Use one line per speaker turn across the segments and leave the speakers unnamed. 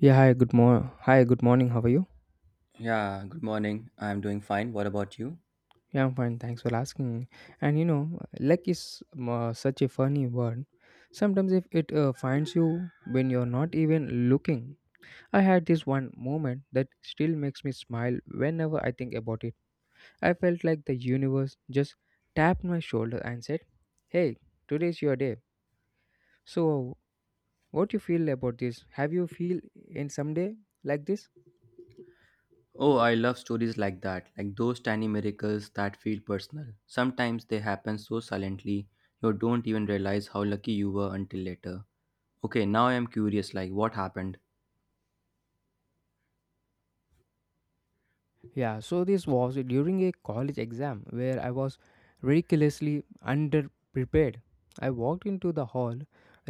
Yeah, hi, good mor hi, good morning. How are you?
Yeah, good morning. I'm doing fine. What about you?
Yeah, I'm fine. Thanks for asking. And you know, luck is such a funny word. Sometimes if it finds you when you're not even looking. I had this one moment that still makes me smile whenever I think about it. I felt like the universe just tapped my shoulder and said, "Hey, today's your day." So, what you feel about this? Have you feel in some day like this?
Oh, I love stories like that, like those tiny miracles that feel personal. Sometimes they happen so silently, you don't even realize how lucky you were until later. Okay, now I am curious, like what happened?
Yeah, so this was during a college exam where I was ridiculously underprepared. I walked into the hall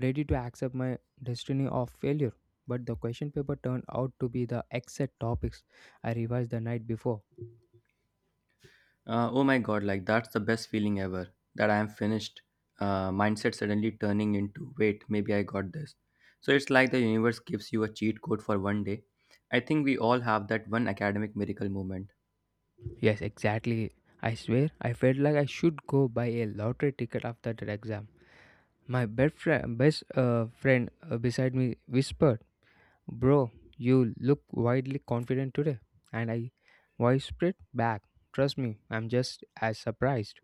ready to accept my destiny of failure, but the question paper turned out to be the exact topics I revised the night before.
Oh my god, like that's the best feeling ever, that I am finished. Mindset suddenly turning into, wait, maybe I got this. So it's like the universe gives you a cheat code for one day. I think we all have that one academic miracle moment.
Yes, exactly. I swear, I felt like I should go buy a lottery ticket after that exam. My best friend beside me whispered, "Bro, you look wildly confident today," and I whispered back, "Trust me, I'm just as surprised."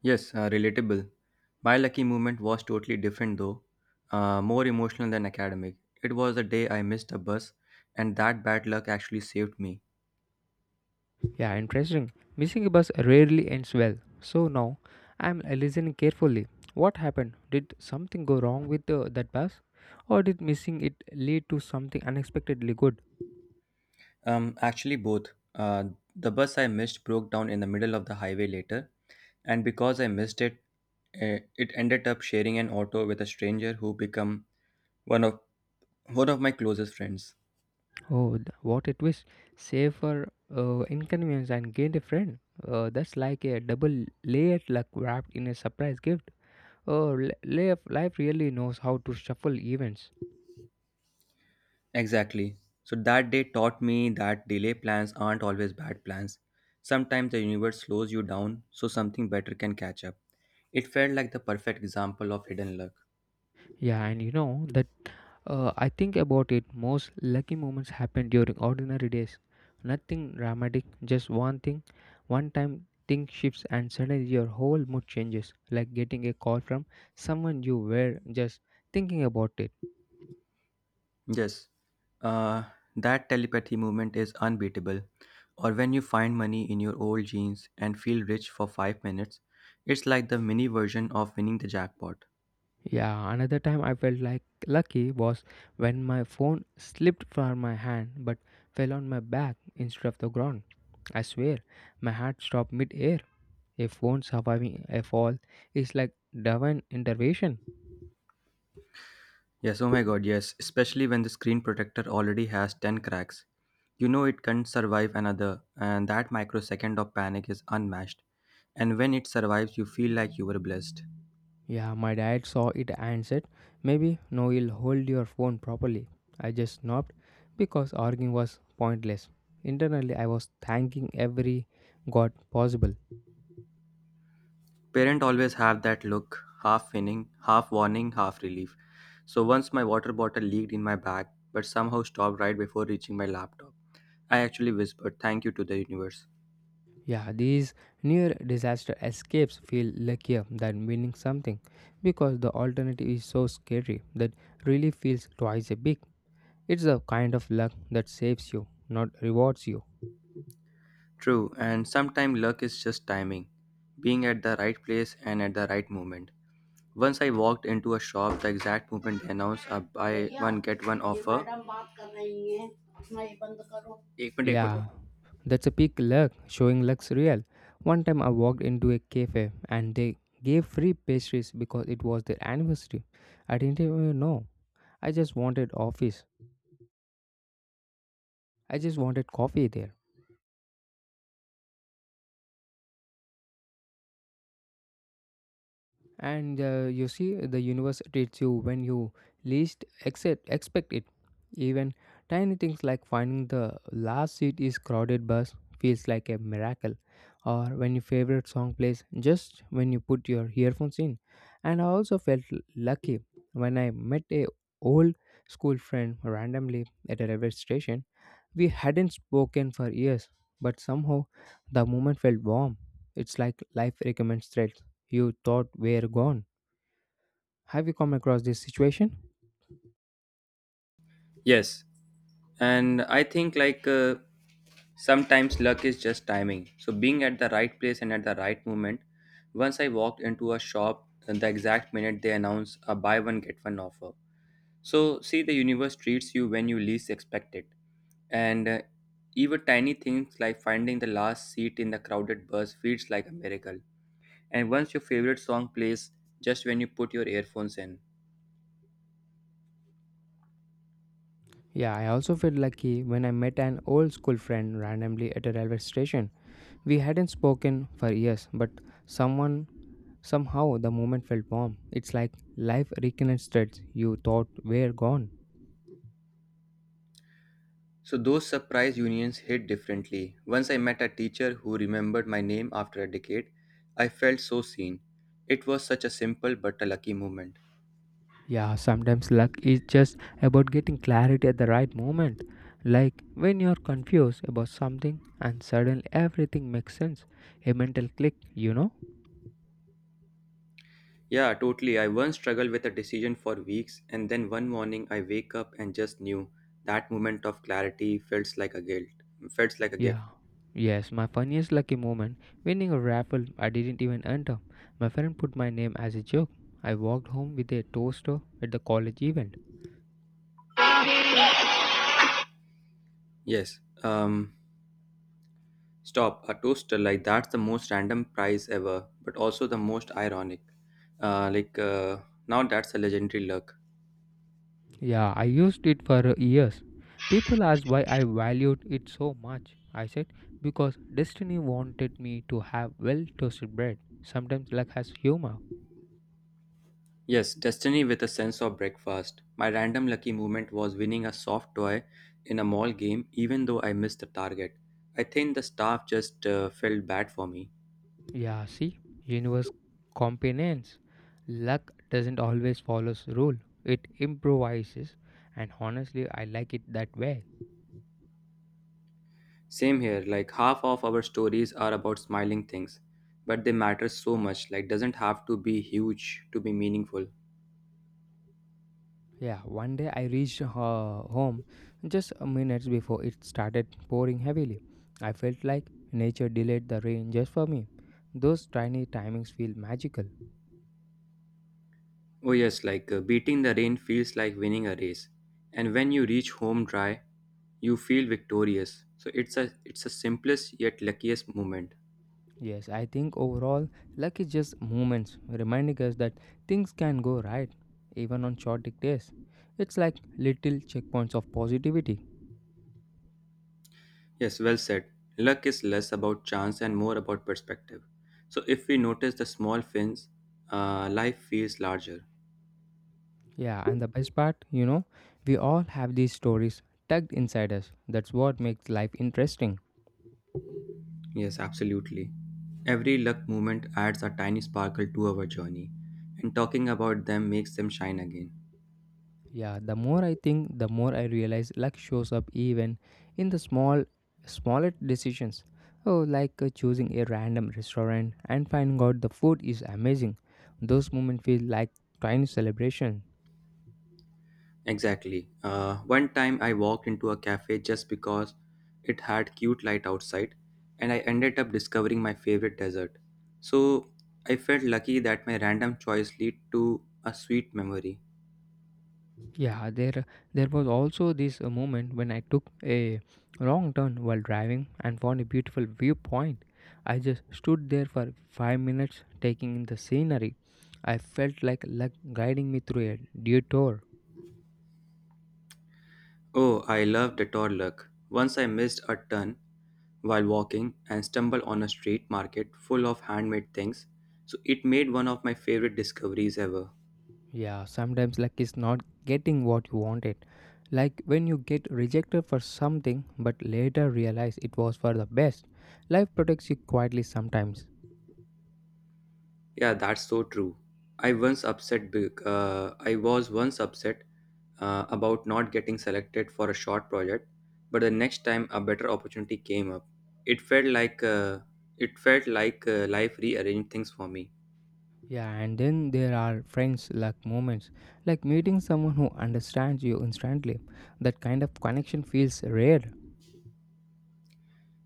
Yes, relatable. My lucky moment was totally different though, more emotional than academic. It was the day I missed a bus, and that bad luck actually saved me.
Yeah, interesting. Missing a bus rarely ends well. So now, I'm listening carefully. What happened? Did something go wrong with that bus? Or did missing it lead to something unexpectedly good?
Actually, both. The bus I missed broke down in the middle of the highway later, and because I missed it, it ended up sharing an auto with a stranger who became one of one of my closest friends.
Oh, what a twist. Save for inconvenience and gained a friend. That's like a double layered luck wrapped in a surprise gift. Life really knows how to shuffle events.
Exactly. So that day taught me that delay plans aren't always bad plans. Sometimes the universe slows you down so something better can catch up. It felt like the perfect example of hidden luck.
Yeah, and you know that I think about it, most lucky moments happen during ordinary days. Nothing dramatic, just one thing. One time, thing shifts and suddenly your whole mood changes, like getting a call from someone you were just thinking about it.
Yes. Uh, that telepathy movement is unbeatable. Or when you find money in your old jeans and feel rich for 5 minutes, it's like the mini version of winning the jackpot.
Yeah, another time I felt like lucky was when my phone slipped from my hand but fell on my back instead of the ground. I swear, my heart stopped mid air. A phone surviving a fall is like divine intervention.
Yes, oh my god, yes, especially when the screen protector already has 10 cracks. You know it can't survive another, and that microsecond of panic is unmatched. And when it survives, you feel like you were blessed.
Yeah, my dad saw it and said, "Maybe no, you'll hold your phone properly." I just nodded because arguing was pointless. Internally, I was thanking every god possible.
Parents always have that look: half winning, half warning, half relief. So once my water bottle leaked in my bag, but somehow stopped right before reaching my laptop. I actually whispered thank you to the universe.
Yeah, these near disaster escapes feel luckier than winning something because the alternative is so scary that relief feels twice as big. It's the kind of luck that saves you, not rewards you.
True, and sometimes luck is just timing, being at the right place and at the right moment. Once I walked into a shop the exact moment they announced a buy one get one offer. एक minute, एक minute.
That's a peak luck, showing luck's real. One time I walked into a cafe and they gave free pastries because it was their anniversary. I didn't even know. I just wanted office. I just wanted coffee there. And you see the universe treats you when you expect it, even tiny things like finding the last seat is crowded bus feels like a miracle, or when your favorite song plays just when you put your earphones in. And I also felt lucky when I met a old school friend randomly at a railway station. We hadn't spoken for years, but somehow the moment felt warm. It's like life recommends threads you thought were gone. Have you come across this situation?
Yes, and I think like sometimes luck is just timing. So being at the right place and at the right moment. Once I walked into a shop, and the exact minute they announced a buy one get one offer. So see, the universe treats you when you least expect it, and even tiny things like finding the last seat in the crowded bus feels like a miracle. And once your favorite song plays just when you put your earphones in.
Yeah, I also felt lucky when I met an old school friend randomly at a railway station. We hadn't spoken for years, but someone somehow the moment felt warm. It's like life reconnects threads you thought were gone.
So those surprise unions hit differently. Once I met a teacher who remembered my name after a decade. I felt so seen. It was such a simple but a lucky moment.
Yeah, sometimes luck is just about getting clarity at the right moment. Like when you're confused about something and suddenly everything makes sense. A mental click, you know?
Yeah, totally. I once struggled with a decision for weeks, and then one morning I wake up and just knew that moment of clarity felt like a gift.
Yes, my funniest lucky moment winning a raffle I didn't even enter. My friend put my name as a joke. I walked home with a toaster at the college event.
Yes. Stop, a toaster like that's the most random prize ever, but also the most ironic. Uh, like uh, now that's a legendary luck.
Yeah, I used it for years. People ask why I valued because destiny wanted me to have well toasted bread. Seems like has humor.
Yes, destiny with a sense of breakfast. My random lucky movement was winning a soft toy in a mall game, even though I missed the target. I think the staff just felt bad for me.
Yeah, see, universe companions. Luck doesn't always follow rule. It improvises. And honestly, I like it that way.
Same here, like half of our stories are about smiling things, but they matter so much. Like doesn't have to be huge to be meaningful.
Yeah, one day I reached home just minutes before it started pouring heavily. I felt like nature delayed the rain just for me. Those tiny timings feel magic.
Oh, yes, like beating the rain feels like winning a race. And when you reach home dry, you feel victorious. So it's a simplest yet luckiest moment.
Yes, I think overall, luck is just moments reminding us that things can go right, even on short days. It's like little checkpoints of positivity.
Yes, well said. Luck is less about chance and more about perspective. So if we notice the small things, life feels larger.
Yeah, and the best, you know, we all have these stories tucked inside us. That's what makes life interesting.
Yes, absolutely. Every luck moment adds a tiny sparkle to our journey, and talking about them makes them shine again.
Yeah, the more I think, the more I realize luck shows up even in the smaller decisions. Oh, like choosing a random restaurant and finding out the food is amazing. Those moments feel like tiny celebration.
Exactly. One time I walked into a cafe just because it had cute light outside, and I ended up discovering my favorite dessert. So I felt lucky that my random choice lead to a sweet memory.
Yeah, there was also this moment when I took a wrong turn while driving and found a beautiful viewpoint. I just stood there for 5 minutes taking in the scenery. I felt like luck guiding me through a detour.
Oh, I love detour luck. Once I missed a turn while walking and stumbled on a street market full of handmade things, so it made one of my favorite discoveries ever.
Yeah, sometimes luck is not getting what you wanted. Like when you get rejected for something but later realize it was for the best. Life protects you quietly sometimes.
Yeah, that's so true. I was once upset about not getting selected for a short project, but the next time a better opportunity came up. It felt like uh, it felt like life rearranged things for me.
Yeah, and then there are friends like moments, like meeting someone who understands you instantly. That kind of connection feels rare.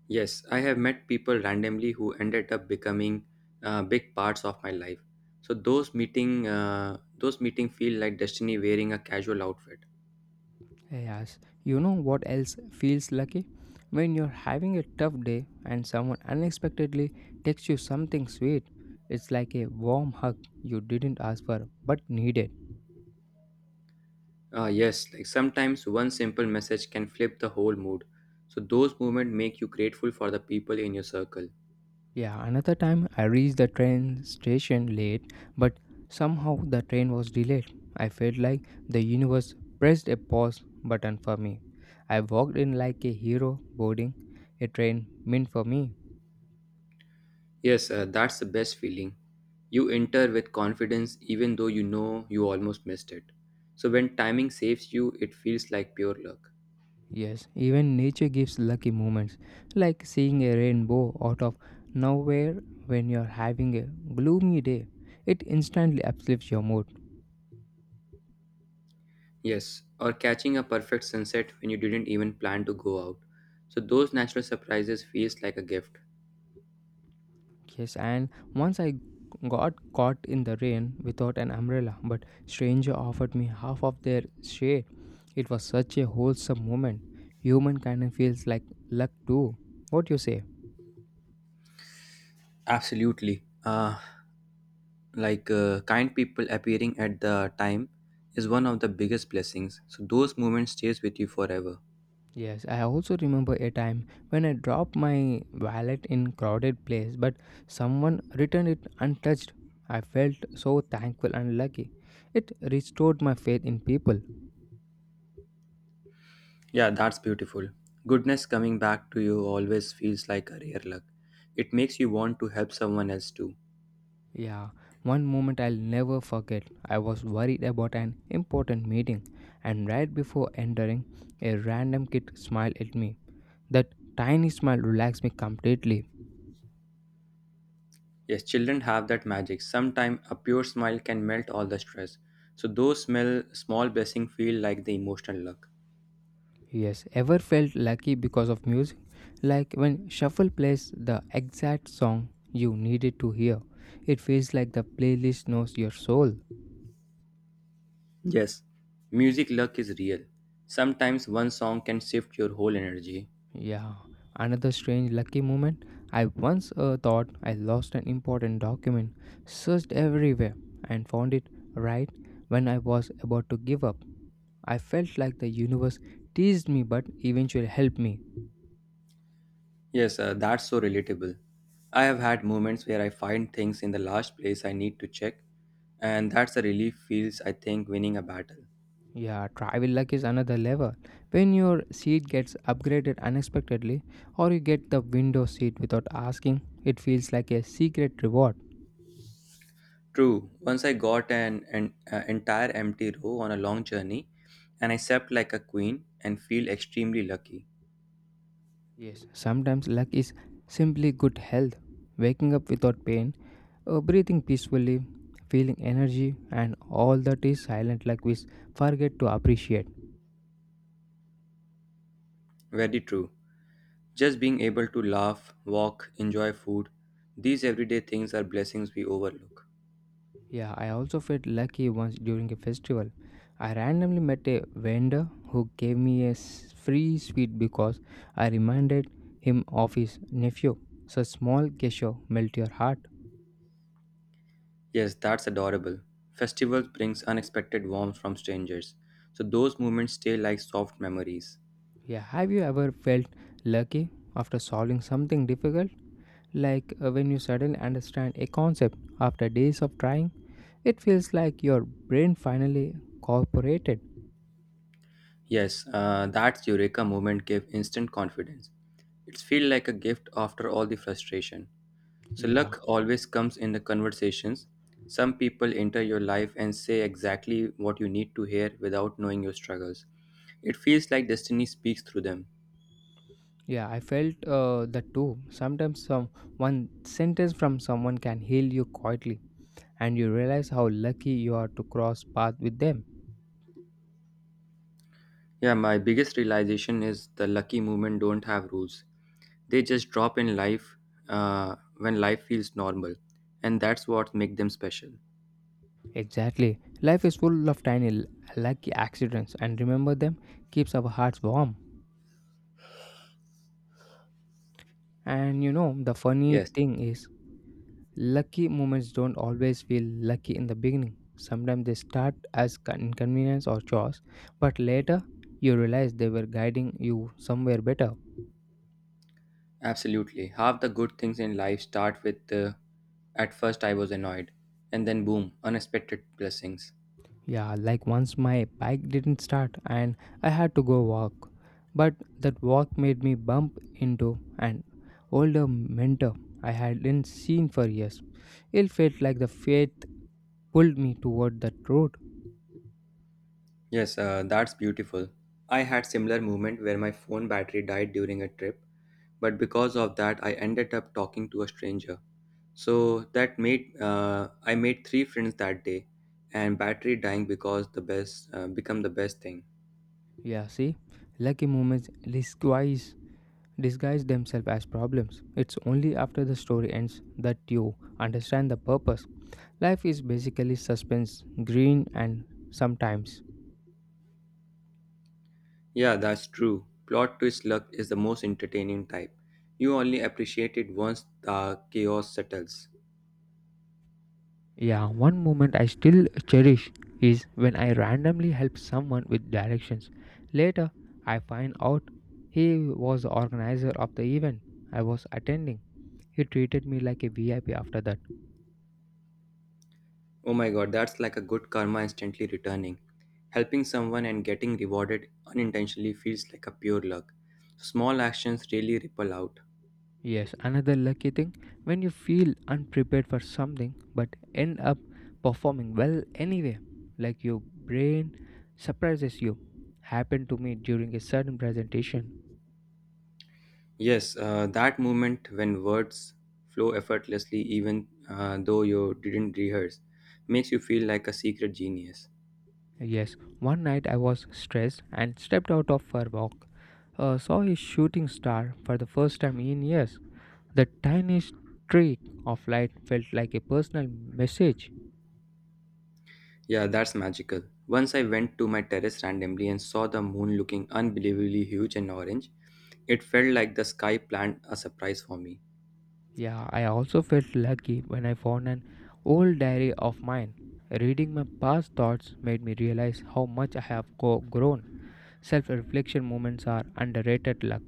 Yes, I have met people randomly who ended up becoming big parts of my life. So those meeting feel like destiny wearing a casual outfit.
Yes, you know what else feels lucky? When you're having a tough day and someone unexpectedly gives something sweet, it's like a warm hug you didn't ask for but needed.
Ah, yes, like sometimes one simple message can flip the whole mood. So those moments make you grateful for the people in your circle.
Yeah, another time I reached the train station late, but somehow the train was delayed. I felt like the universe pressed a pause button for me. I walked in like a hero boarding a train meant for me.
Yes, that's the best feeling. You enter with confidence even though you know you almost missed it. So when timing saves you, it feels like pure luck.
Yes, even nature gives lucky moments, like seeing a rainbow out of nowhere when you're having a gloomy day. It instantly uplifts your mood.
Yes, or catching a perfect sunset when you didn't even plan to go out. So those natural surprises feels like a gift.
Yes, and once I got caught in the rain without an umbrella, but stranger offered me of their shade. Such a wholesome moment. Human kind of feels like luck too. What you say?
Absolutely. Kind people appearing at the time is one of the biggest blessings, so those moments stays with you forever.
Yes, I also remember a time when I dropped my wallet in crowded place but someone returned it untouched. I felt so thankful and lucky. It restored my faith in people.
Yeah, that's beautiful. Goodness coming back to you always feels like a rare luck. It makes you want to help someone else too.
Yeah, one moment I'll never forget. I was worried about an important meeting and right before entering, a random kid smiled at me. That tiny smile relaxed me completely.
Yes, children have that magic. Sometimes a pure smile can melt all the stress, so those smell small blessing feel like the emotional luck.
Yes, ever felt lucky because of music? Like when Shuffle plays the exact song you needed to hear, it feels like the playlist knows your soul.
Yes, music luck is real. Sometimes one song can shift your whole energy.
Yeah, another strange lucky moment. I once thought I lost an important document, searched everywhere, and found it right when I was about to give up. I felt like the universe teased me but eventually helped me.
Yes, that's so relatable. I have had moments where I find things in the last place I need to check, and that's a relief feels I think winning a battle.
Yeah, travel luck is another level. When your seat gets upgraded unexpectedly, or you get the window seat without asking, it feels like a secret reward.
True, once I got an entire empty row on a long journey, and I slept like a queen and feel extremely lucky.
Yes, sometimes luck is simply good health, waking up without pain, breathing peacefully, feeling energy, and all that is silently forget to appreciate.
Very true. Just being able to laugh, walk, enjoy food, these everyday things are blessings we overlook.
Yeah, I also felt lucky once during a festival. I randomly met a vendor who gave me a free sweet because I reminded him of his nephew. Small gesture melt your heart.
Yes, that's adorable. Festivals brings unexpected warmth from strangers, so those moments stay like soft memories.
Yeah, have you ever felt lucky for solving something difficult? Like when you suddenly understand a concept after days of trying, it feels like your brain finally cooperated.
Yes, that Eureka moment gave instant confidence. It feels like a gift after all the frustration. So
Yeah,
luck always comes in the conversations. Some people enter your life and say exactly what you need to hear without knowing your struggles. It feels like destiny speaks through them.
yeah, I felt that too. Sometimes some one sentence from someone can heal you quite and you realize how lucky you are to cross paths with them.
Yeah, my biggest realization is the lucky movement don't have rules. They just drop in life when life feels normal, and that's what make them special.
Exactly. Life is full of tiny lucky accidents and remember them keeps our hearts warm. And you know, the funny
Yes,
lucky moments don't always feel lucky in the beginning. Sometimes they start as inconvenience or chores, but later you realize they were guiding you somewhere better.
absolutely. Half the good things in life start with at first I was annoyed, and then boom, unexpected blessings.
Yeah, like once my bike didn't start and I had to go walk, but that walk made me bump into an older mentor I hadn't seen for years. It felt like the fate pulled me toward that road.
Yes, that's beautiful. I had similar moment where my phone battery died during a trip, but because of that I ended up talking to a stranger. So that made I made three friends that day, and battery dying because the best become the best thing.
Yeah, see, lucky moments disguise, themselves as problems. It's only after the story ends that you understand the purpose. Life is basically suspense, green, and sometimes.
Yeah, that's true. Plot twist luck is the most entertaining type. You only appreciate it once the chaos settles.
Yeah, one moment I still cherish is when I randomly help someone with direction. Later, I find out he was the organizer of the event I was attending. He treated me like a VIP.
Oh my god, that's like a good karma instantly returning. Helping someone and getting rewarded unintentionally feels like a pure luck. Small actions really ripple out.
Yes, another lucky when you feel unprepared for end up performing well anyway. Like your brain surprises you. Happened to me during a sudden break.
Yes, that moment when words flow effortlessly, even though you didn't rehearse, makes you feel like a secret genius.
Yes, one night I was stressed and stepped out of for a walk. Saw a shooting star for the first time in years. Tiny streak of light felt like a personal message.
Yeah, that's magical. Once I went to my terrace randomly and saw the moon looking unbelievably huge and orange, it felt like the sky planned a surprise for me.
Yeah, I also felt lucky when I found an old diary of mine. Reading my past thoughts made me realize how much I have grown. Self reflection moments are underrated luck.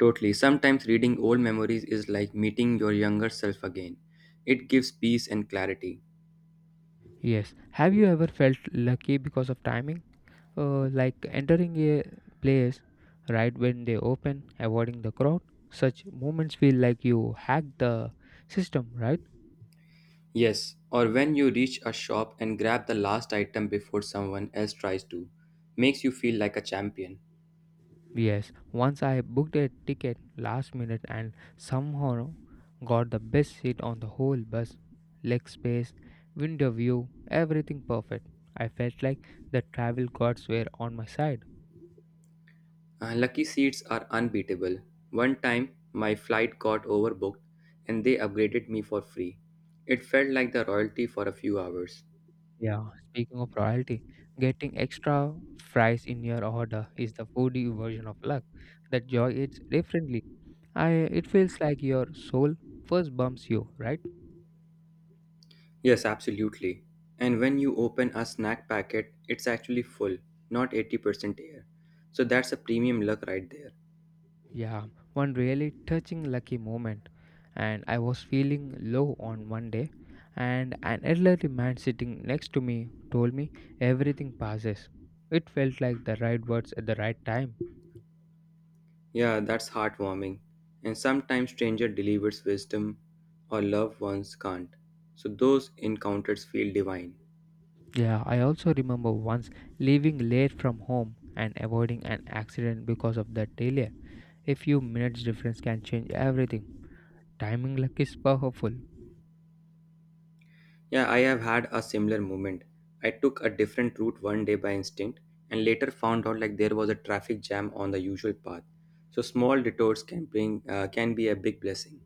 Totally. Sometimes reading old memories is like meeting your younger self again. It gives peace and clarity.
Yes, have you ever felt lucky because of timing? Like entering a place right when they open, avoiding the crowd? Such moments feel like you hacked the system, right?
Yes, or when you reach a shop and grab the last item before someone else tries to, makes you feel like a champion.
Yes, once I booked a ticket last minute and somehow got the best seat on the whole bus. Leg space, window view, everything perfect. I felt like travel gods were on my side.
Lucky seats are unbeatable. One time, my flight got overbooked and they upgraded me for free. It felt like the royalty for a few hours.
Yeah, speaking of royalty, getting extra fries in your order is the foodie version of luck. That joy it feels like your soul first bumps you, right?
Yes, absolutely. And when you open a snack packet, it's actually full, not 80% air. So that's a premium luck right there.
Yeah, one really touching lucky moment and I was feeling low one day, and an elderly man sitting next to me told me everything passed. It felt like the right words at the right time.
Yeah, that's heartwarming. And sometimes stranger delivers wisdom or loved ones can't. So those encounters feel divine.
Yeah, I also remember once leaving late from home and avoiding an accident because of that delay. A few minutes change everything. Timing luck is powerful.
Yeah, I have had a similar moment. I took a different route one day by instinct and later found out like there was a traffic jam on the usual path. So small detours can bring can be a big blessing.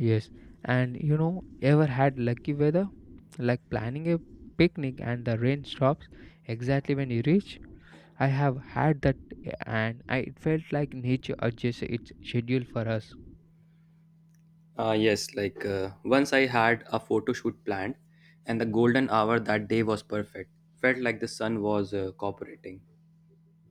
Yes, and you know, ever had lucky weather? Like planning a picnic and the rain stops exactly when you reach. I have had that, and I, it felt like nature is its schedule for us.
Yes, like once I had a photo shoot planned and the golden hour that day was perfect. Felt like the sun was cooperating.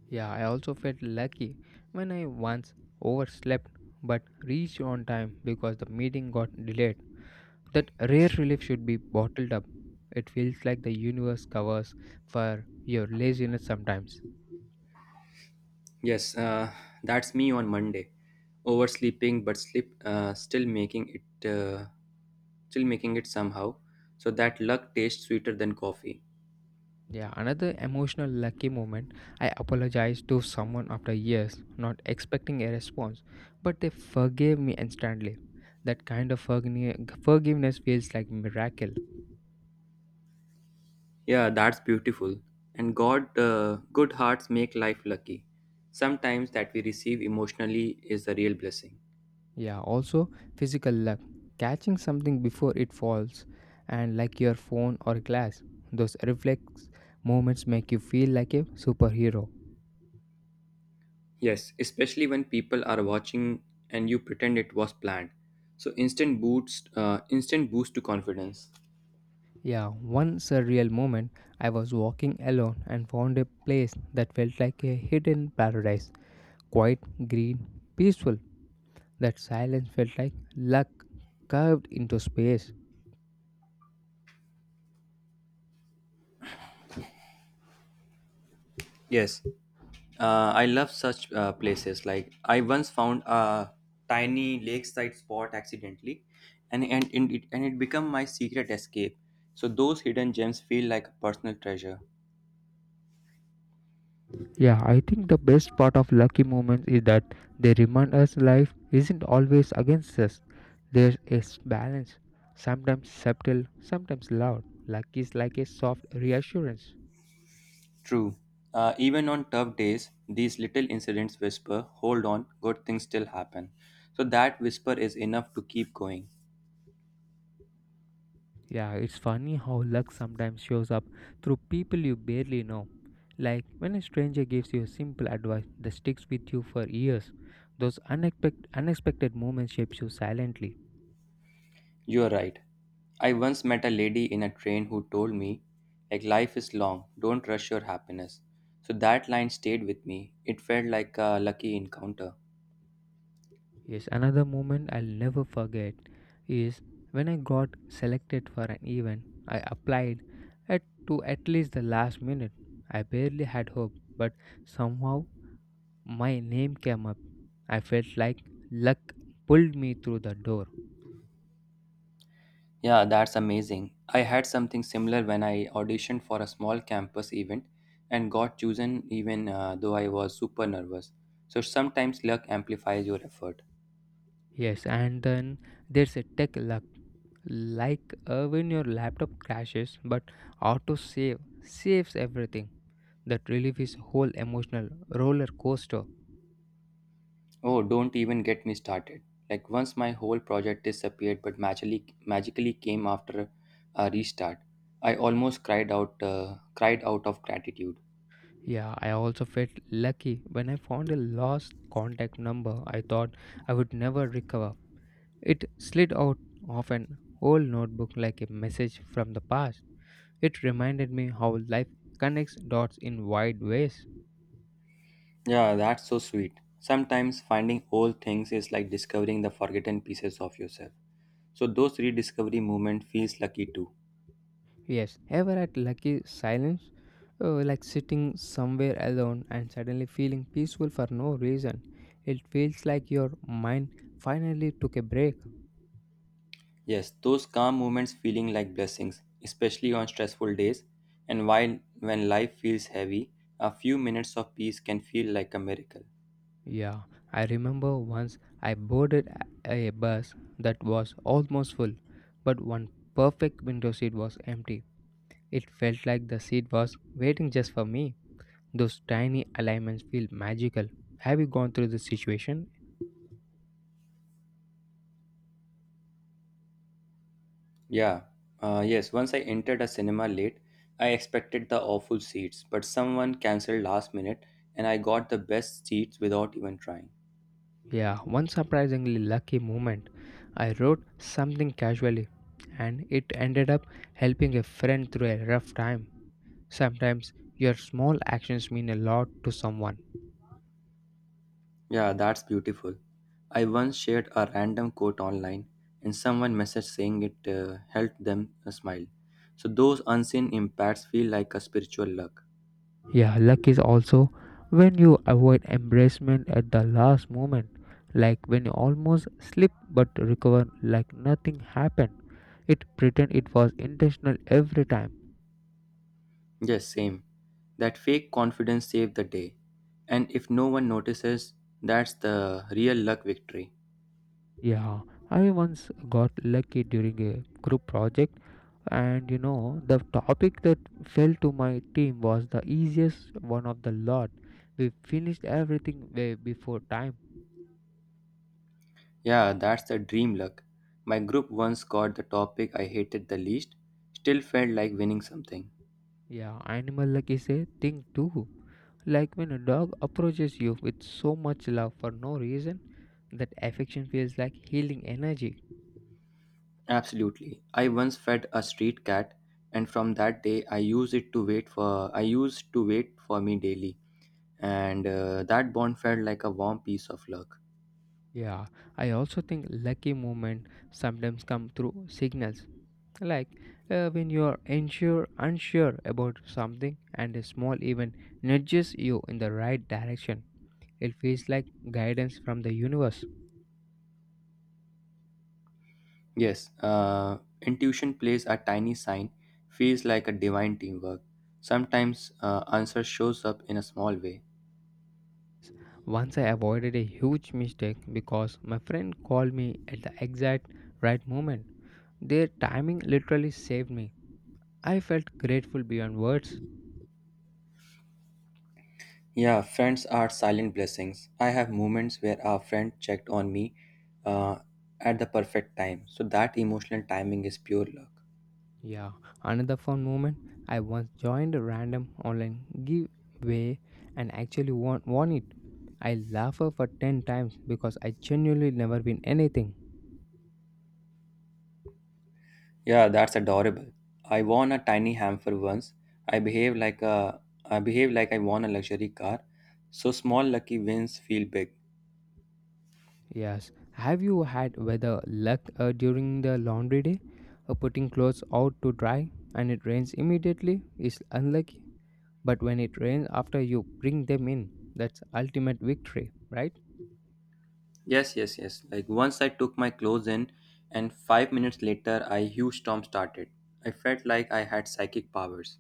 Yeah, I also felt lucky when I once overslept but reached on time. The meeting got delayed. Rare relief bottled up. It feels like the universe covers for your laziness.
Yes, that's me on Monday. Oversleeping, but sleep still making it somehow. So that luck tastes sweeter than coffee.
Yeah, another emotional lucky moment. I apologized to someone after years, not expecting a response. Forgave me, and that kind of forgiveness feels like miracle.
Yeah, that's beautiful. And good hearts make life lucky. Sometimes that we receive emotionally is a real blessing.
Yeah, also physical luck. Catching something before it falls, and like your phone or glass. Those reflect moments make you feel like a superhero.
Yes, especially when people are watching and you pretend it was planned. So instant boost, instant boost to confidence.
Yeah, one surreal moment, I was walking alone and found a place that felt like a hidden paradise. Quiet, green, peaceful. That silence felt like luck curved into space.
Yes, I love such places. Like I once found a tiny lakeside spot accidentally, and it became my secret escape. So those hidden gems feel like a personal treasure.
Yeah, I think the best part of lucky moments is that they remind us life isn't always against us. There's a balance, sometimes subtle, sometimes loud. Luck is like a soft reassurance.
True. Even on tough days, these little incidents whisper, "Hold on, good things still happen." So that whisper is enough to keep going.
Yeah, it's funny how luck sometimes shows up through people you barely know. Like when a stranger gives you simple advice with you for years, those unexpected moments shapes you silently.
You're right. I once met a lady in a train who told me, like, life is long, don't rush your happiness. So that line stayed with me. It felt like a lucky encounter.
Yes, another moment I'll never forget is when I got selected for an event. I applied to at least the last minute. I barely had hope. Somehow my name came. I felt like luck pulled me through the door.
Yeah, that's amazing. I had something similar when I auditioned for a small campus event and got chosen even though I was super nervous. So sometimes luck amplifies your effort.
Yes, and then there's a tech luck like when your laptop crashes but auto save saves everything. That relief is whole emotional roller coaster.
Oh, don't even get me started. Like once my whole project disappeared but magically came after a restart. I almost cried out of gratitude.
Yeah, I also felt lucky when I found a lost contact number I thought I would never recover. It slid out of an old notebook like a message from the past. It reminded me how life connects dots in wide ways.
Yeah, that's so sweet. Sometimes finding old things is like discovering the forgotten pieces of yourself. So those rediscovery moments feels lucky too.
Yes, ever at lucky silence, like sitting somewhere alone and suddenly feeling peaceful for no reason. It feels like your mind finally took a break.
Yes, those calm moments feeling like blessings, especially on stressful days. And while when life feels heavy, a few minutes of peace can feel like a miracle.
Yeah, I remember once I boarded a bus that was almost full, but one perfect window seat was. It felt like the seat was waiting just for me. Those tiny alignments feel magical. Have you gone through this situation?
Yeah, yes. Once I entered a cinema late, I expected the awful seats, but someone cancelled last minute and I got the best seats without even trying.
Yeah, one surprisingly lucky moment. I wrote something casually and it ended up helping a friend through a rough time. Sometimes your small actions mean a lot to someone.
Yeah, that's beautiful. I once shared a random quote online and someone messaged saying it helped them a smile. So those unseen impacts feel like a spiritual luck.
Yeah, luck is also when you avoid embarrassment at the last moment, like when you almost slip but recover like nothing happened. Pretend it was intentional every time.
Yes, same. That fake confidence saved the day. And if no one notices, that's the real luck victory.
Yeah, I once got lucky during a group project, and you know, the trick that fell to my team was the easiest one of the lot. We finished everything way before time.
Yeah, that's the dream luck. My group once got the topic I hated the least, still felt like winning something.
Yeah, animal like is a thing too. Like when a dog approaches you with so much love for no reason, that affection feels like healing energy.
Absolutely. I once fed a street cat and from that day I used to wait for me daily and that bond felt like a warm piece of luck.
Yeah, I also think lucky moments sometimes come through signals. Like when you are unsure about something, and a small event nudges you in the right direction. It feels like guidance from the universe.
Yes, intuition plays a tiny sign feels like a divine teamwork. Sometimes answer shows up in a small way.
Once I avoided a huge mistake because my friend called me exact right moment. Their timing literally saved me. I felt grateful beyond words.
Yeah, friends are silent blessings. I have moments where a friend checked on me uh, at the perfect time. So that emotional timing is pure luck.
Yeah, another fun moment. I once joined a random online giveaway and actually won it. I laughed for 10 times. Genuinely never been anything.
Yeah, that's adorable. I won a tiny hamper once. I behave like I won a luxury car. So small lucky wins feel big.
Yes. Have you had weather luck during the laundry day? Putting clothes out to dry and it rains immediately is unlucky. But when it rains after you bring them in, it's ultimate victory, right?
Yes, yes, yes. Like once I took my clothes in and 5 minutes later a huge storm started. I felt like I had psychic powers.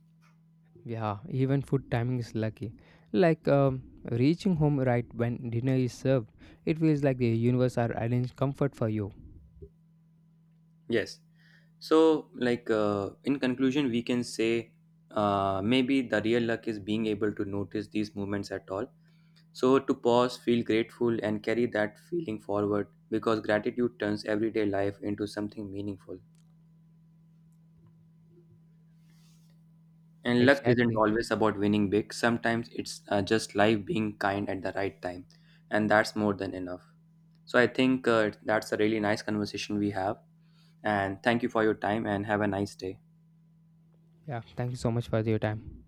Yeah, even food timing is luck. Like reaching home right when dinner is served, it feels like the universe are arranged comfort for you.
Yes. So, like in conclusion, we can say maybe the real luck is being able to notice these movements at all. So, to pause, feel grateful, and carry that feeling forward because gratitude turns everyday life into something meaningful. And luck isn't always about winning big, sometimes it's just life being kind at the right time, and that's more than enough. So, I think that's a really nice conversation we have. And thank you for your time, and have a nice day.
Yeah, thank you so much for your time.